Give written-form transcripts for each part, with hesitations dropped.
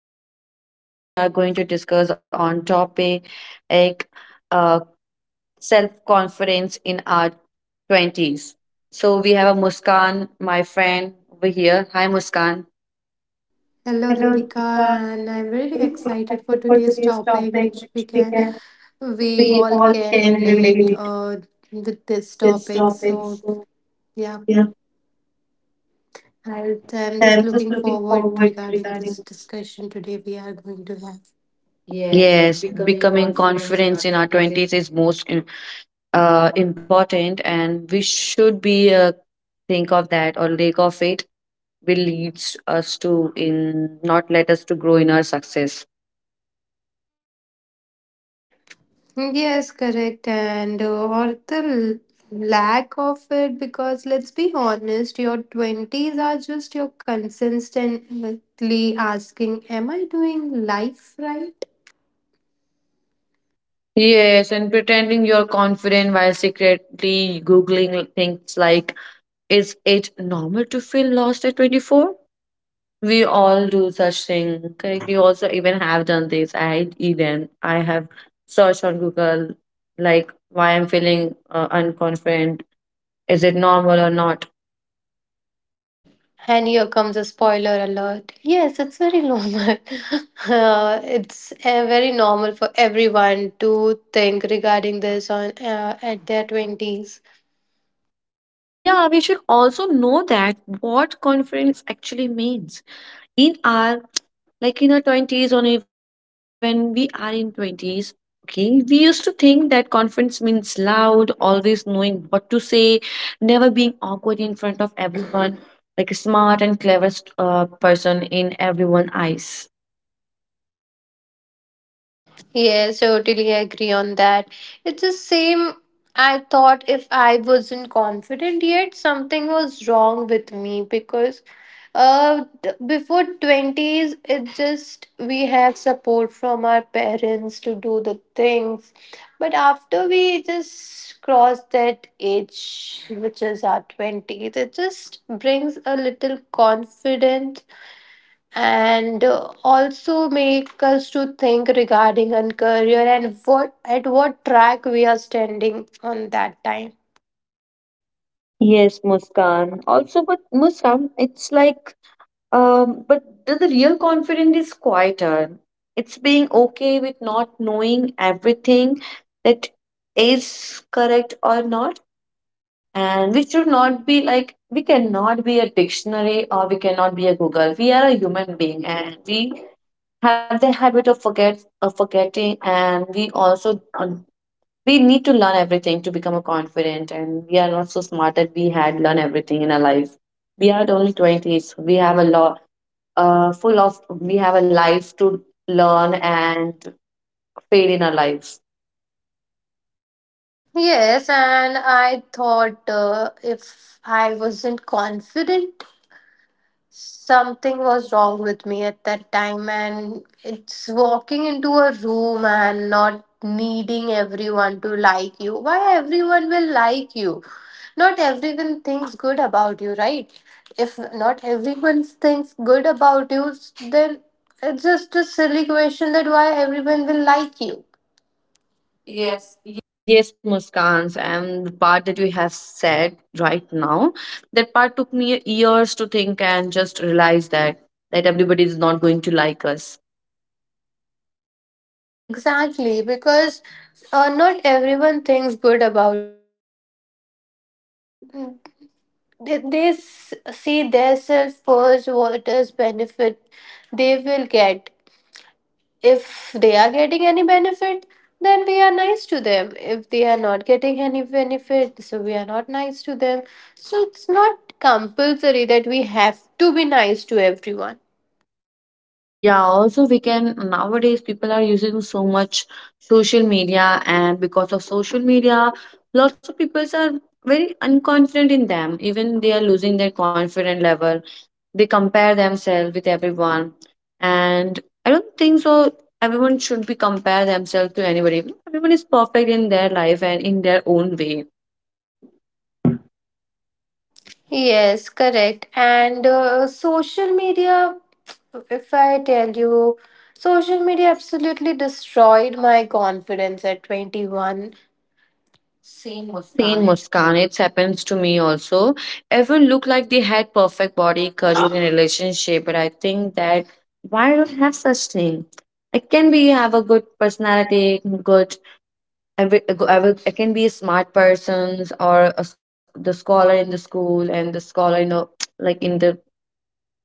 And today we are going to discuss on topic, like uh, self confidence in our twenties. So we have a Muskan, my friend over here. Hi, Muskan. Hello Deepika, and I'm very excited for today's topic, which we all can relate with this topic. So yeah, I'm just looking forward regarding this discussion today we are going to have. Yes, Yes, becoming becoming confidence in confidence our in our twenties. twenties is most important, and we should be think of that, or lack of it will leads us to in not let us to grow in our success. Yes, correct. And or the lack of it, because let's be honest, your twenties are just your consistently asking, am I doing life right? Yes, and pretending you're confident while secretly Googling things like, is it normal to feel lost at 24? We all do such thing. Correct. You also even have done this. I even I have searched on Google, like why I'm feeling unconfident. Is it normal or not? And here comes a spoiler alert. Yes, it's very normal. It's very normal for everyone to think regarding this on at their twenties. Yeah, we should also know that what confidence actually means. In our, like in our 20s, or even we are in 20s, okay, we used to think that confidence means loud, always knowing what to say, never being awkward in front of everyone, like a smart and cleverest person in everyone's eyes. Yes, totally agree on that. It's the same. I thought if I wasn't confident yet, something was wrong with me because before twenties it just we have support from our parents to do the things, but after we just cross that age, which is our twenties, it just brings a little confidence, and also make us to think regarding our career and what at what track we are standing on that time. Yes, Muskan, also, but Muskan, it's like, but the real confidence is quieter. It's being okay with not knowing everything, that is correct or not. And we should not be like, we cannot be a dictionary, or we cannot be a Google. We are a human being, and we have the habit of forgetting. And we also we need to learn everything to become a confident, and we are not so smart that we had learned everything in our life. We are only 20s, we have a lot, full of we have a life to learn and fail in our lives. Yes, and I thought if I wasn't confident, something was wrong with me at that time, and it's walking into a room and not needing everyone to like you. Why everyone will like you? Not everyone thinks good about you, right? If not everyone thinks good about you, then it's just a silly question that why everyone will like you. Yes. Yes, yes, Muskans, and the part that you have said right now, that part took me years to think and just realize that that everybody is not going to like us. Yes, exactly. Because not everyone thinks good about you. It's They see themselves first. What is benefit they will get? If they are getting any benefit, then we are nice to them. If they are not getting any benefit, so we are not nice to them. So it's not compulsory that we have to be nice to everyone. Yeah, also we can, nowadays people are using so much social media, and because of social media, lots of people are very unconfident in them. Even they are losing their confident level. They compare themselves with everyone, and I don't think so everyone should be compare themselves to anybody. Everyone is perfect in their life and in their own way. Yes, correct. And social media, if I tell you, social media absolutely destroyed my confidence at 21. Same with Same, Khan. Muskan, it happens to me also. Everyone look like they had perfect body, career and relationship, but I think that, why I don't have such thing? I can be have a good personality, good, I will, I will, I can be a smart person, or a s the scholar in the school, and the scholar in the, like in the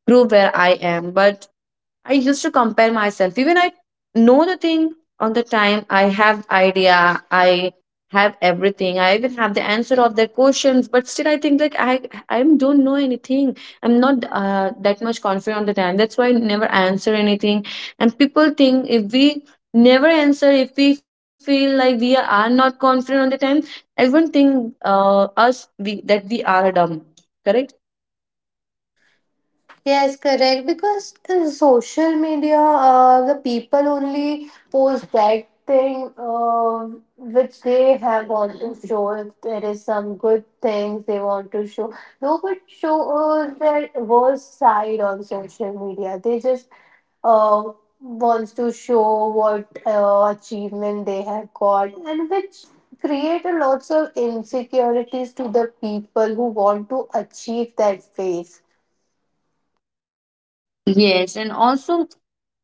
prove where I am. But I used to compare myself. Even I know the thing on the time. I have idea. I have everything. I even have the answer of questions. But still, I think like I don't know anything. I'm not that much confident on the time. That's why I never answer anything. And people think if we never answer, if we feel like we are not confident on the time, everyone think us we that we are dumb. Correct. Yes, correct. Because the social media, the people only post that thing which they have want to show. If there is some good things they want to show, nobody show their worst side on social media. They just uh, wants to show what achievement they have got, and which create a lots of insecurities to the people who want to achieve that phase. Yes, and also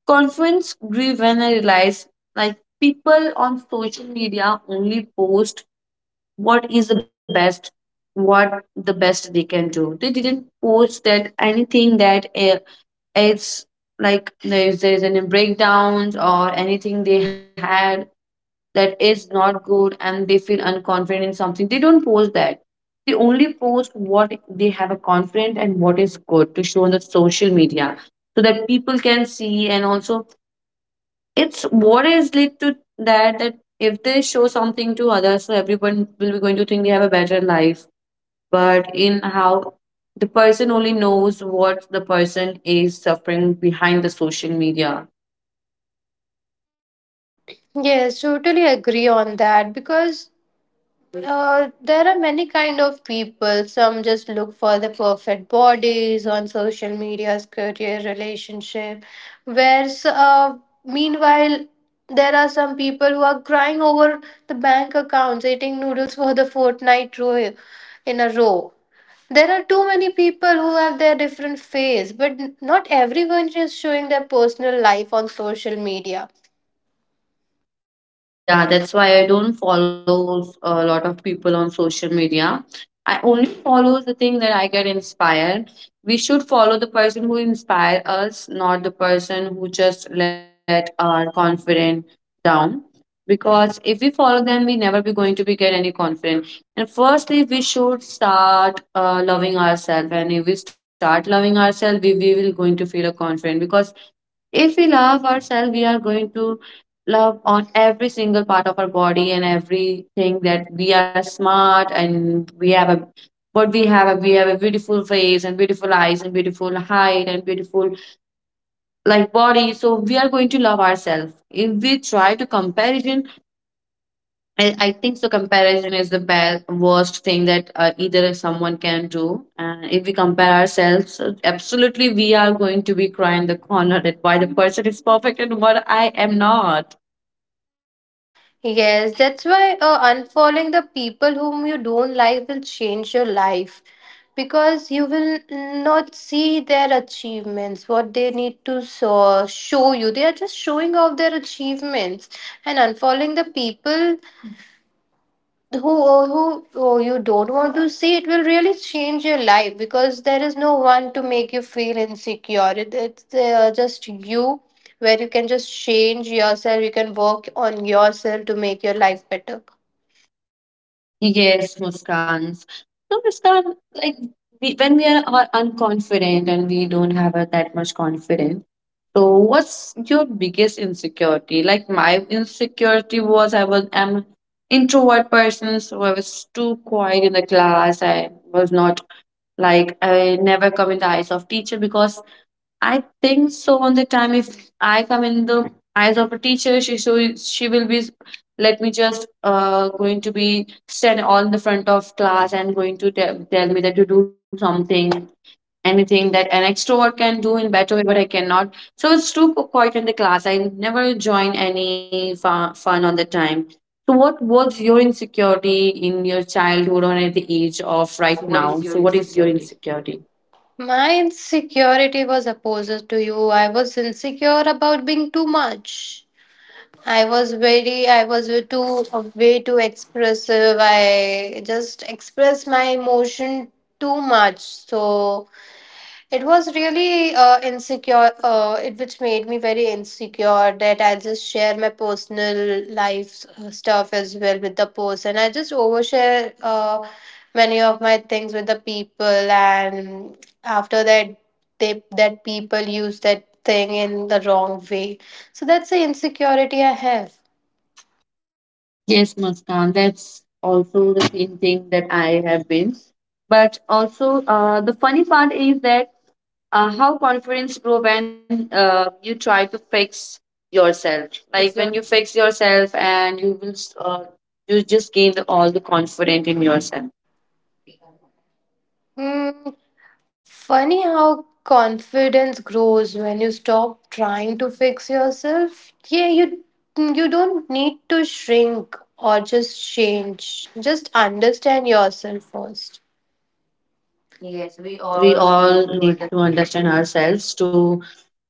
confidence grew when I realized like people on social media only post what is the best, what the best they can do. They didn't post that anything that it's like there's any breakdowns or anything they had that is not good, and they feel unconfident in something, they don't post that. They only post what they have a confident and what is good to show on the social media, so that people can see. And also, it's what is led to that, that if they show something to others, so everyone will be going to think they have a better life. But in how, the person only knows what the person is suffering behind the social media. Yes, totally agree on that because there are many kind of people. Some just look for the perfect bodies on social media's career relationship, whereas meanwhile there are some people who are crying over the bank accounts, eating noodles for the fortnight row in a row. There are too many people who have their different phase, but not everyone is showing their personal life on social media. Yeah, that's why I don't follow a lot of people on social media. I only follow the thing that I get inspired. We should follow the person who inspire us, not the person who just let our confidence down. Because if we follow them, we never be going to be get any confidence. And firstly, we should start loving ourselves. And if we start loving ourselves, we will going to feel a confident. Because if we love ourselves, we are going to love on every single part of our body, and everything that we are smart, and we have a, what we have, we have a beautiful face and beautiful eyes and beautiful height and beautiful, like body, so we are going to love ourselves. If we try to comparison, I think so, comparison is the best, worst thing that either someone can do. And if we compare ourselves, absolutely, we are going to be crying in the corner that why the person is perfect and what I am not. Yes, that's why unfollowing the people whom you don't like will change your life, because you will not see their achievements, what they need to show you. They are just showing off their achievements, and unfollowing the people who you don't want to see, it will really change your life because there is no one to make you feel insecure. It's just you. Where you can just change yourself, you can work on yourself to make your life better. Yes, Muskans. So Muskan, like, we, when we are unconfident, and we don't have that much confidence. So, what's your biggest insecurity? Like my insecurity was, I was am introvert person, so I was too quiet in the class. I was not, like I never come in the eyes of teacher, because I think so on the time if I come in the eyes of a teacher, she, so she will be let me just going to be stand all in the front of class and going to tell me that, you do something, anything that an extrovert can do in better way, but I cannot. So it's too quiet in the class. I never join any fun on the time. So what was your insecurity in your childhood, or at the age of right So, what now? is So your what is your insecurity? insecurity? My insecurity was opposite to you. I was insecure about being too much. I was very, I was too, way too expressive. I just expressed my emotion too much. So it was really it which made me very insecure that I just share my personal life stuff as well with the person. I just overshare many of my things with the people, and after that, they that people use that thing in the wrong way. So that's the insecurity I have. Yes, Muskan, that's also the same thing that I have been. But also, the funny part is that how confidence grow when you try to fix yourself. Like Besides when you your- fix yourself and you will, you just gain the all the confidence in yourself. Mm, funny how confidence grows when you stop trying to fix yourself. Yeah, you don't need to shrink or just change. Just understand yourself first. Yes, we Yes, we all need all to need understand to understand ourselves to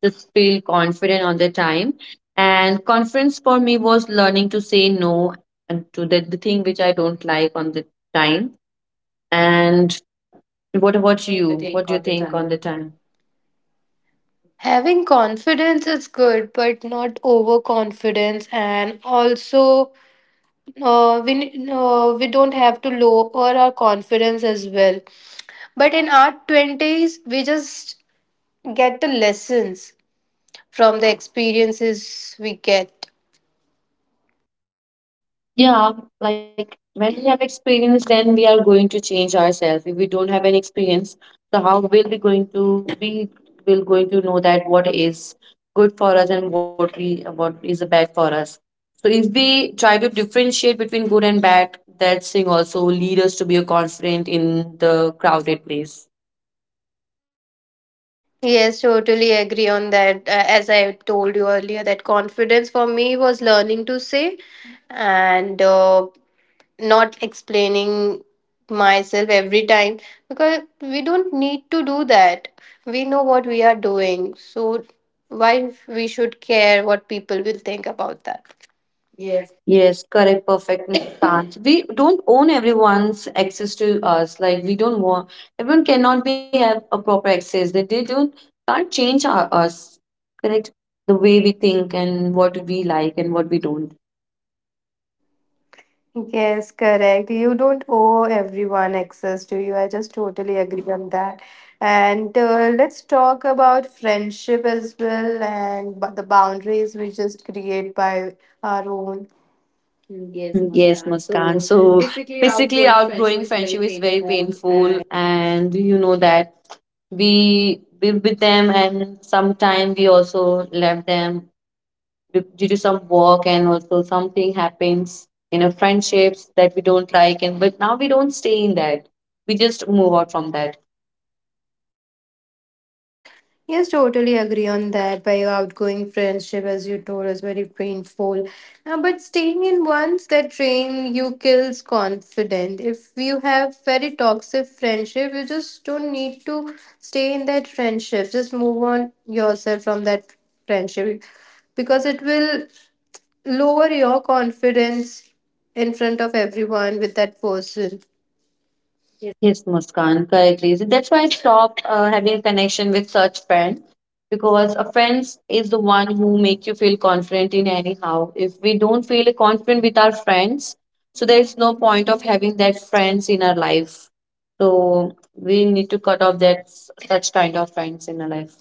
just feel confident on the time. And confidence for me was learning to say no, and to the thing which I don't like on the time. And what about what do you you? think What do all you the think on time. the time? Having confidence is good, but not overconfidence. And also, we don't have to lower our confidence as well. But in our twenties, we just get the lessons from the experiences we get. Yeah, like when we have experience, then we are going to change ourselves. If we don't have any experience, so how will we going to, we will going to know that what is good for us, and what we what is bad for us? So if we try to differentiate between good and bad, that thing also lead us to be confident in the crowded place. Yes, totally agree on that. As I told you earlier, that confidence for me was learning to say and not explaining myself every time, because we don't need to do that. We know what we are doing. So, why we should care what people will think about that? Yes, correct, perfect stance. We don't own everyone's access to us. Like we don't want, everyone cannot be have a proper access. They don't can't change our, us. Correct, the way we think and what we like and what we don't. Yes, correct. You don't owe everyone access to you. I just totally agree on that. And let's talk about friendship as well and the boundaries we just create by our own. Yes, Yes, Muskan. Muskan. So So basically, basically, outgrowing friendship outgrowing is very friendship is very painful painful, and and you know that we be with them, and sometime we also left them due to some work, and also something happens in a friendships that we don't like, and but now we don't stay in that, we just move out from that. yes, totally agree on that. By your outgoing friendship, as you told, is very painful. But staying in ones that drain you kills confident. If you have very toxic friendship, you just don't need to stay in that friendship. Just move on yourself from that friendship, because it will lower your confidence in front of everyone with that person. Yes, Muskan, correctly. So that's why I stopped having a connection with such friends, because a friend is the one who make you feel confident in anyhow. If we don't feel confident with our friends, so there is no point of having that friends in our life. So we need to cut off that such kind of friends in our life.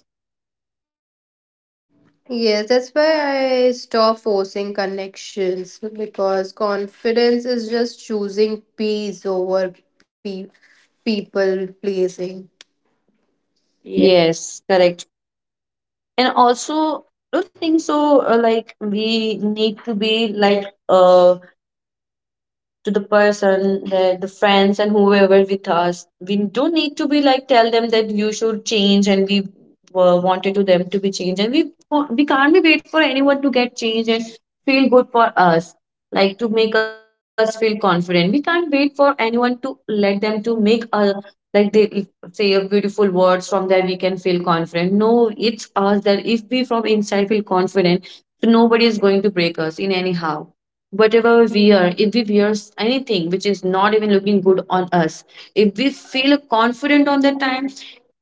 Yes, that's why I stop forcing connections because confidence is just choosing peace over people pleasing. Yeah. Yes, correct. And also, I don't think so. Like we need to be like to the person, the friends, and whoever with us. We don't need to be like tell them that, you should change, and we wanted to them to be changed, and we can't be wait for anyone to get changed and feel good for us, like to make us feel confident. We can't wait for anyone to let them to make us, like they say a beautiful words from that we can feel confident. No, it's us that if we from inside feel confident, so nobody is going to break us in anyhow. Whatever we are, if we wear anything which is not even looking good on us, if we feel confident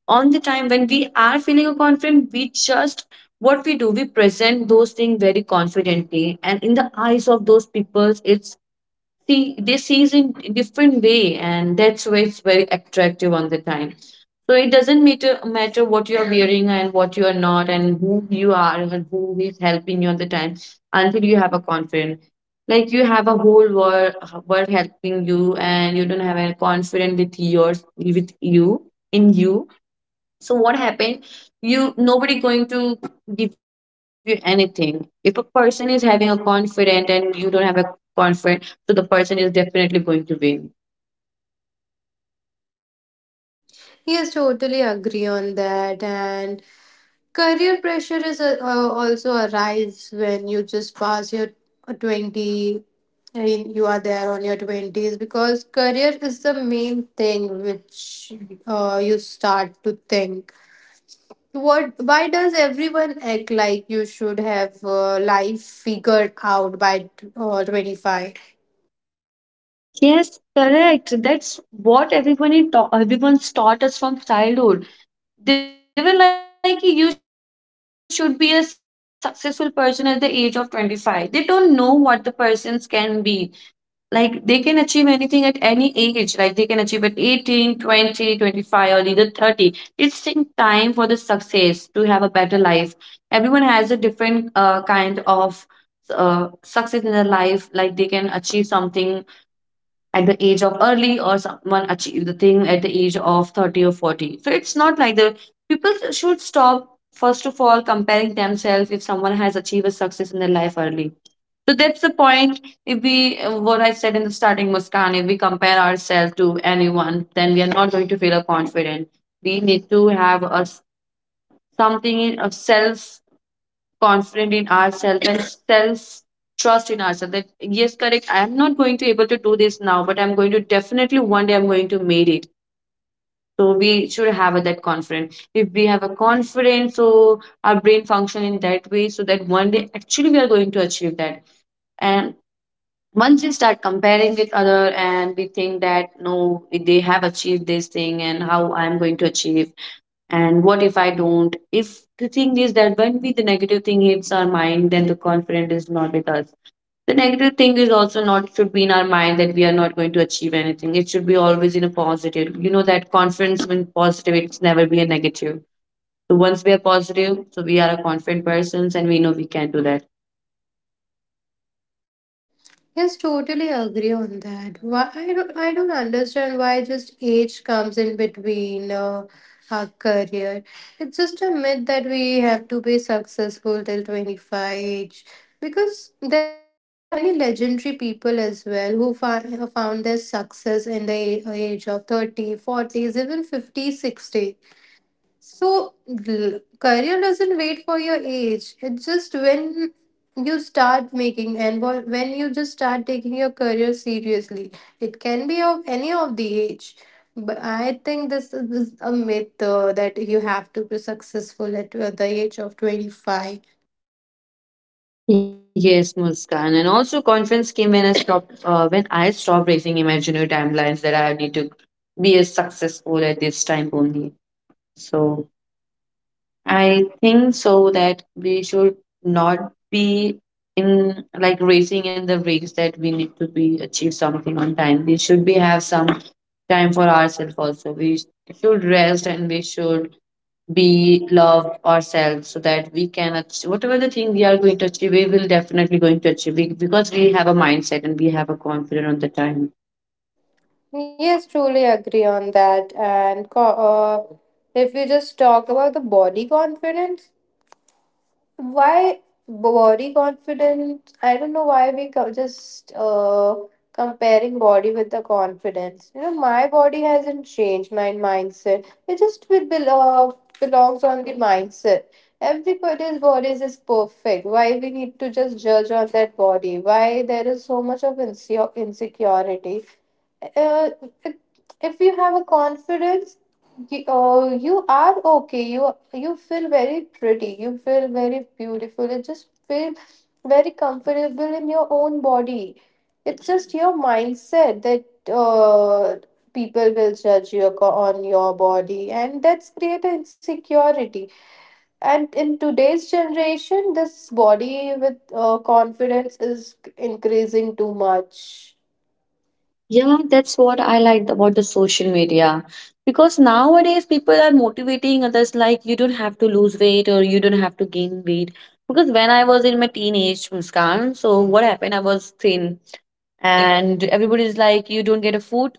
on the time when we are feeling confident, we just, what we do, we present those things very confidently, and in the eyes of those people, it's see, they sees in different way, and that's why it's very attractive on the time. So it doesn't matter what you are wearing and what you are not, and who you are and who is helping you on the time, until you have a confidence, like you have a whole world helping you, and you don't have any confidence with yours with you in you. So what happened? You nobody going to give you anything. If a person is having a confident and you don't have a confident, so the person is definitely going to win. Yes, totally agree on that. And career pressure is also arrives when you just pass your 20 and you are there on your twenties because career is the main thing which you start to think. What? Why does everyone act like you should have life figured out by 25? Yes, correct. That's what everyone everyone's taught us from childhood. They were like, you should be a successful person at the age of 25. They don't know what the persons can be. Like they can achieve anything at any age, like they can achieve at 18, 20, 25, or either 30. It's in time for the success to have a better life. Everyone has a different kind of success in their life, like they can achieve something at the age of early, or someone achieve the thing at the age of 30 or 40. So it's not like the people should stop, first of all, comparing themselves if someone has achieved a success in their life early. So that's the point. What I said in the starting, Muskan, if we compare ourselves to anyone, then we are not going to feel a confident. We need to have something of self confident in ourselves and self trust in ourselves, that yes, correct, I am not going to able to do this now, but I'm going to definitely one day I'm going to make it. So we should have that confidence. If we have a confidence, so our brain function in that way, so that one day actually we are going to achieve that. And once we start comparing with other and we think that no, they have achieved this thing and how I'm going to achieve, and what if I don't, if the thing is that when we the negative thing hits our mind, then the confidence is not with us. The negative thing is also not should be in our mind that we are not going to achieve anything. It should be always in a positive, you know that confidence when positive it's never be a negative. So once we are positive, so we are a confident persons and we know we can do that. Yes, totally agree on that. Why I don't understand why just age comes in between our career. It's just a myth that we have to be successful till 25 age. Because there are many legendary people as well who found their success in the age of 30, forties, even 50, 60. So, career doesn't wait for your age. It's just when you start making and when you just start taking your career seriously. It can be of any of the age. But I think this is a myth that you have to be successful at the age of 25. Yes, Muskan. And also confidence came when I stopped raising imaginary timelines that I need to be as successful at this time only. So I think so that we should not be in like racing in the race that we need to be achieve something on time. We should be have some time for ourselves also. We should rest and we should be love ourselves so that we can achieve whatever the thing we are going to achieve, we will definitely going to achieve it because we have a mindset and we have a confidence on the time. Yes, truly agree on that. And if we just talk about the body confidence, why body confidence, I don't know why we co- just comparing body with the confidence. You know, my body hasn't changed my mindset, it just with belongs on the mindset. Everybody's bodies is perfect. Why we need to just judge on that body? Why there is so much of insecure insecurity? uh, if you have a confidence, you are okay, you feel very pretty, you feel very beautiful, you just feel very comfortable in your own body. It's just your mindset that uh, people will judge you on your body, and that's create an insecurity. And in today's generation, this body with confidence is increasing too much. Yeah, that's what I liked about the social media. Because nowadays people are motivating others, like you don't have to lose weight or you don't have to gain weight. Because when I was in my teenage, Muskan, so what happened? I was thin and everybody's like, you don't get a food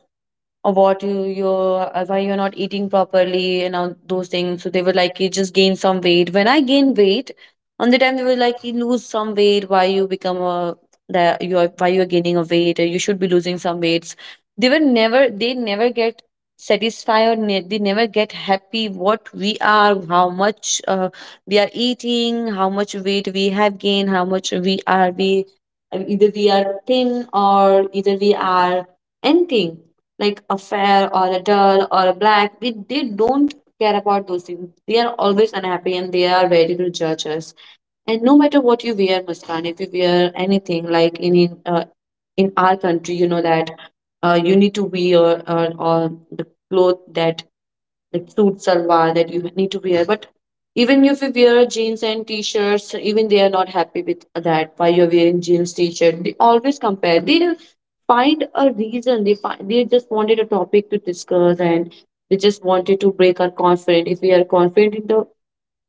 or what you you're why you're not eating properly and all those things. So they were like, you just gain some weight. When I gained weight, on the time they were like, you lose some weight. Why you become a that you are why you're gaining a weight? Or you should be losing some weights. They never get satisfied. They never get happy. What we are, how much we are eating, how much weight we have gained, how much we either we are thin or either we are anything like a fair or a dull or a black. They don't care about those things. They are always unhappy and they are ready to judge us. And no matter what you wear, Muskan, if you wear anything like in in our country, you know that you need to wear or the cloth that like suit salwar that you need to wear. But even if you wear jeans and t-shirts, even they are not happy with that. Why you're wearing jeans, t-shirt? They always compare. They find a reason. They find they just wanted a topic to discuss and they just wanted to break our confidence. If we are confident in the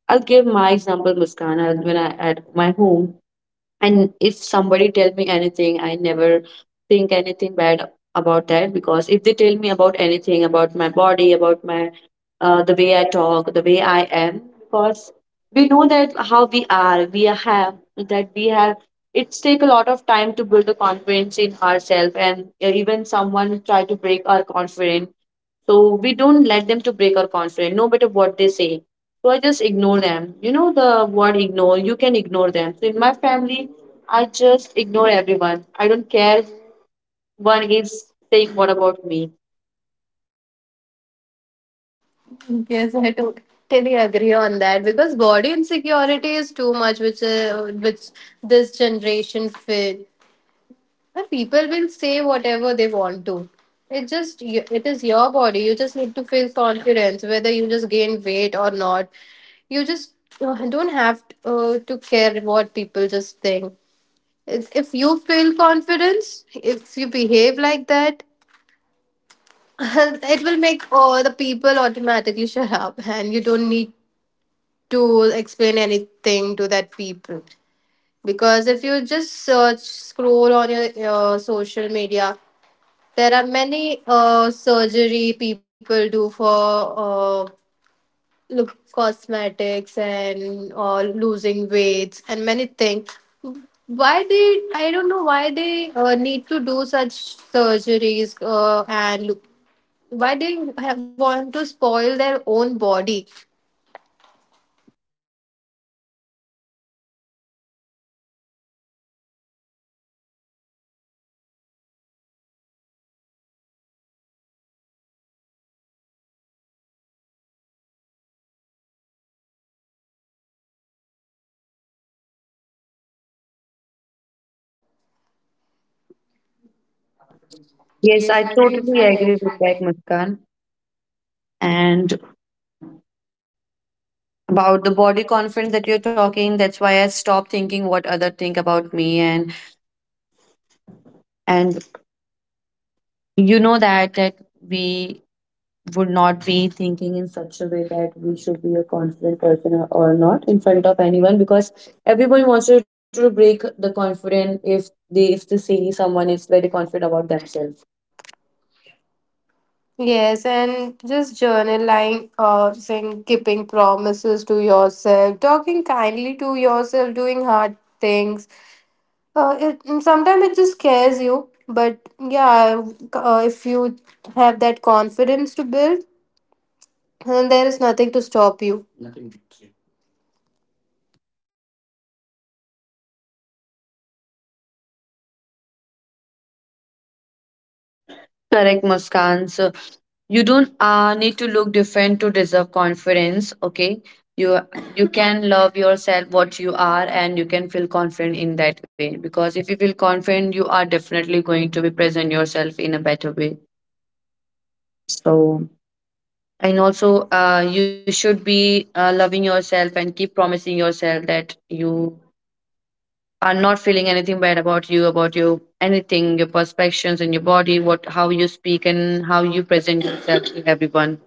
I'll give my example, Muskana, when I at my home and if somebody tell me anything, I never think anything bad about that. Because if they tell me about anything about my body, about my the way I talk, the way I am, because we know that how we are, we have that we have, it's take a lot of time to build the confidence in ourselves, and even someone try to break our confidence, so we don't let them to break our confidence no matter what they say. So I just ignore them. You know the word ignore, you can ignore them. So in my family, I just ignore everyone. I don't care if one is saying what about me. Yes, I totally agree on that because body insecurity is too much, which which this generation feel. But people will say whatever they want to. It is your body. You just need to feel confidence, whether you just gain weight or not. You just don't have to care what people just think. If you feel confidence, if you behave like that, it will make all the people automatically shut up, and you don't need to explain anything to that people. Because if you just search scroll on your social media, there are many surgery people do for uh, look cosmetics and losing weights and many things. Why they, I don't know why they need to do such surgeries and look, why they have want to spoil their own body. Yes, I Yes, I totally agree totally with agree that. with that, Muskan. And about the body confidence that you're talking, that's why I stopped thinking what other think about me, and and you know that we would not be thinking in such a way that we should be a confident person or not in front of anyone, because everyone wants you to break the confidence if they see someone is very confident about themselves. Yes, and just journaling or saying keeping promises to yourself, talking kindly to yourself, doing hard things. Sometimes it just scares you, but yeah, if you have that confidence to build, then there is nothing to stop you. Correct, Muskan. You don't need to look different to deserve confidence, okay? you you can love yourself what you are and you can feel confident in that way, because if you feel confident you are definitely going to be present yourself in a better way. So and also you should be loving yourself and keep promising yourself that you are not feeling anything bad about you, about your anything, your perspectives and your body, what how you speak and how you present yourself to everyone.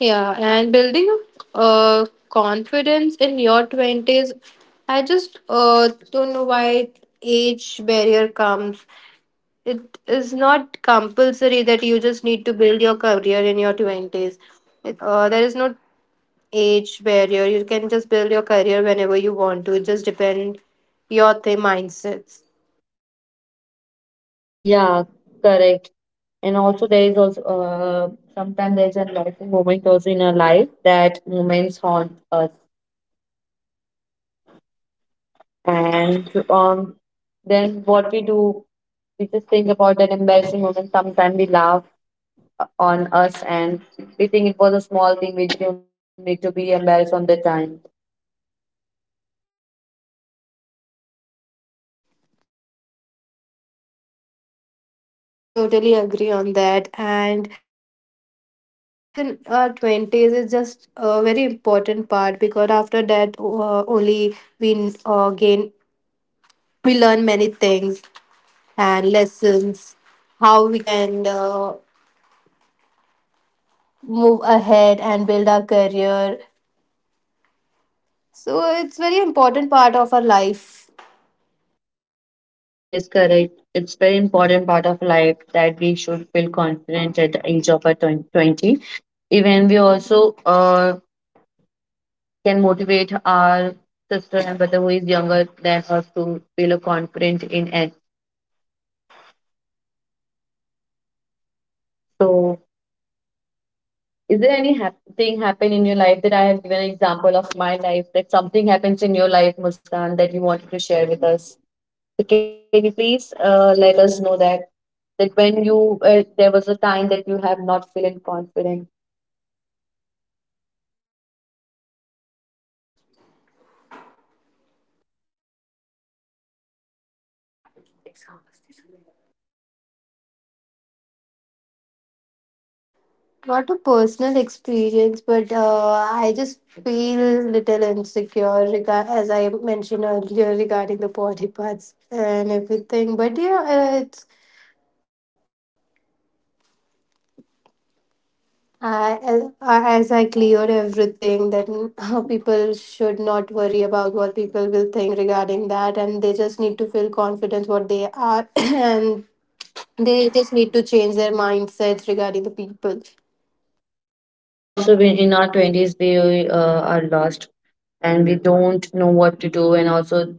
Yeah, and building confidence in your twenties, I just don't know why age barrier comes. It is not compulsory that you just need to build your career in your twenties. There is no age barrier, you can just build your career whenever you want to. It just depend your mindsets. Yeah, correct. And also there is also sometimes there's a life moment also in our life that moments haunt us. And then what we do, we just think about that embarrassing moment. Sometimes we laugh on us and we think it was a small thing. We don't need to be embarrassed on the time. Yes, totally agree on that. And building confidence in our twenties is just a very important part, because after that only we gain, we learn many things and lessons how we can move ahead and build our career. So it's very important part of our life. Yes, correct. It's very important part of life that we should feel confident at the age of our 20. Even we also can motivate our sister and brother who is younger than us to feel confident in it. So, is there any thing happen in your life, that I have given an example of my life, that something happens in your life, Muskan, that you wanted to share with us? So, can you please let us know that when you there was a time that you have not feeling confident? Not a personal experience, but I just feel little insecure as I mentioned earlier regarding the body parts and everything. But yeah, it's I as I clear everything that mm, how people should not worry about what people will think regarding that, and they just need to feel confident what they are and they just need to change their mindsets regarding the people. Yeah, also when in our twenties we are lost and we don't know what to do, and also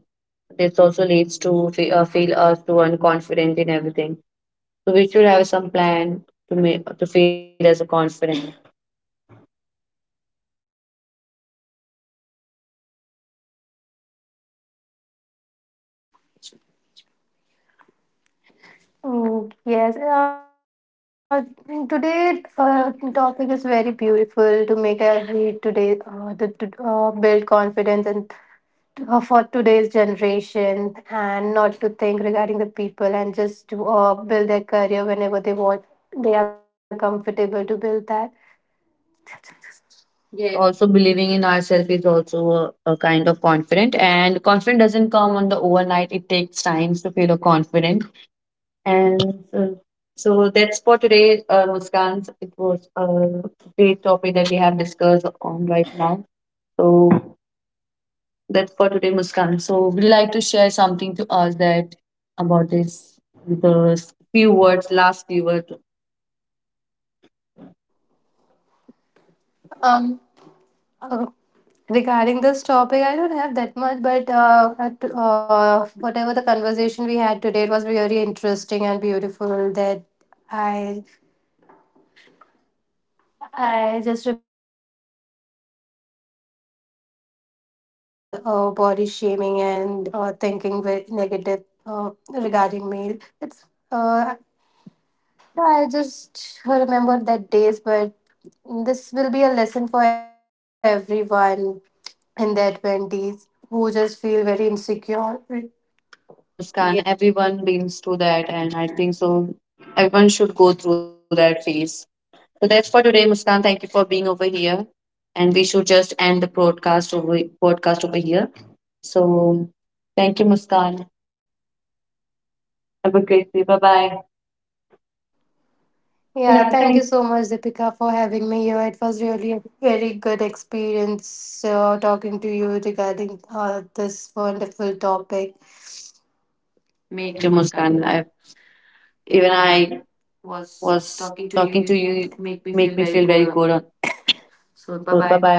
this also leads to feel us to unconfident in everything. So we should have some plan to make to feel as a confident. Mm, yes, today topic is very beautiful to make every today to build confidence and for today's generation, and not to think regarding the people, and just to build their career whenever they want. They are comfortable to build that. Yes. Yes, also believing in ourselves is also a kind of confident, and confident doesn't come on the overnight, it takes times to feel a confident. And uh, so that's for today, Muskan, it was a great topic that we have discussed on right now. So that's for today, Muskan. So, would you like to share something to us that about this? The few words, last few words. Um. uh, Regarding this topic, I don't have that much, but whatever the conversation we had today, it was really interesting and beautiful. That I I just remember the people who were body shaming and thinking negative regarding me. It's uh, I just remember that days, but this will be a lesson for everyone in their twenties who just feel very insecure. Yes, Muskan. Everyone been through that, and I think so. Everyone should go through that phase. So that's for today, Muskan. Thank you for being over here, and we should just end the broadcast over podcast over here. So, thank you, Muskan. Have a great day. Bye bye. Yeah, Yeah, thank. thank you so much, Deepika, for having me here. It was really a very good experience talking to you regarding this wonderful topic. Me Me too, too, Muskan. Muskan. I, I even even I I was was talking talking to to you, you make make me me feel feel very very good. On. good. So, So bye bye bye. bye.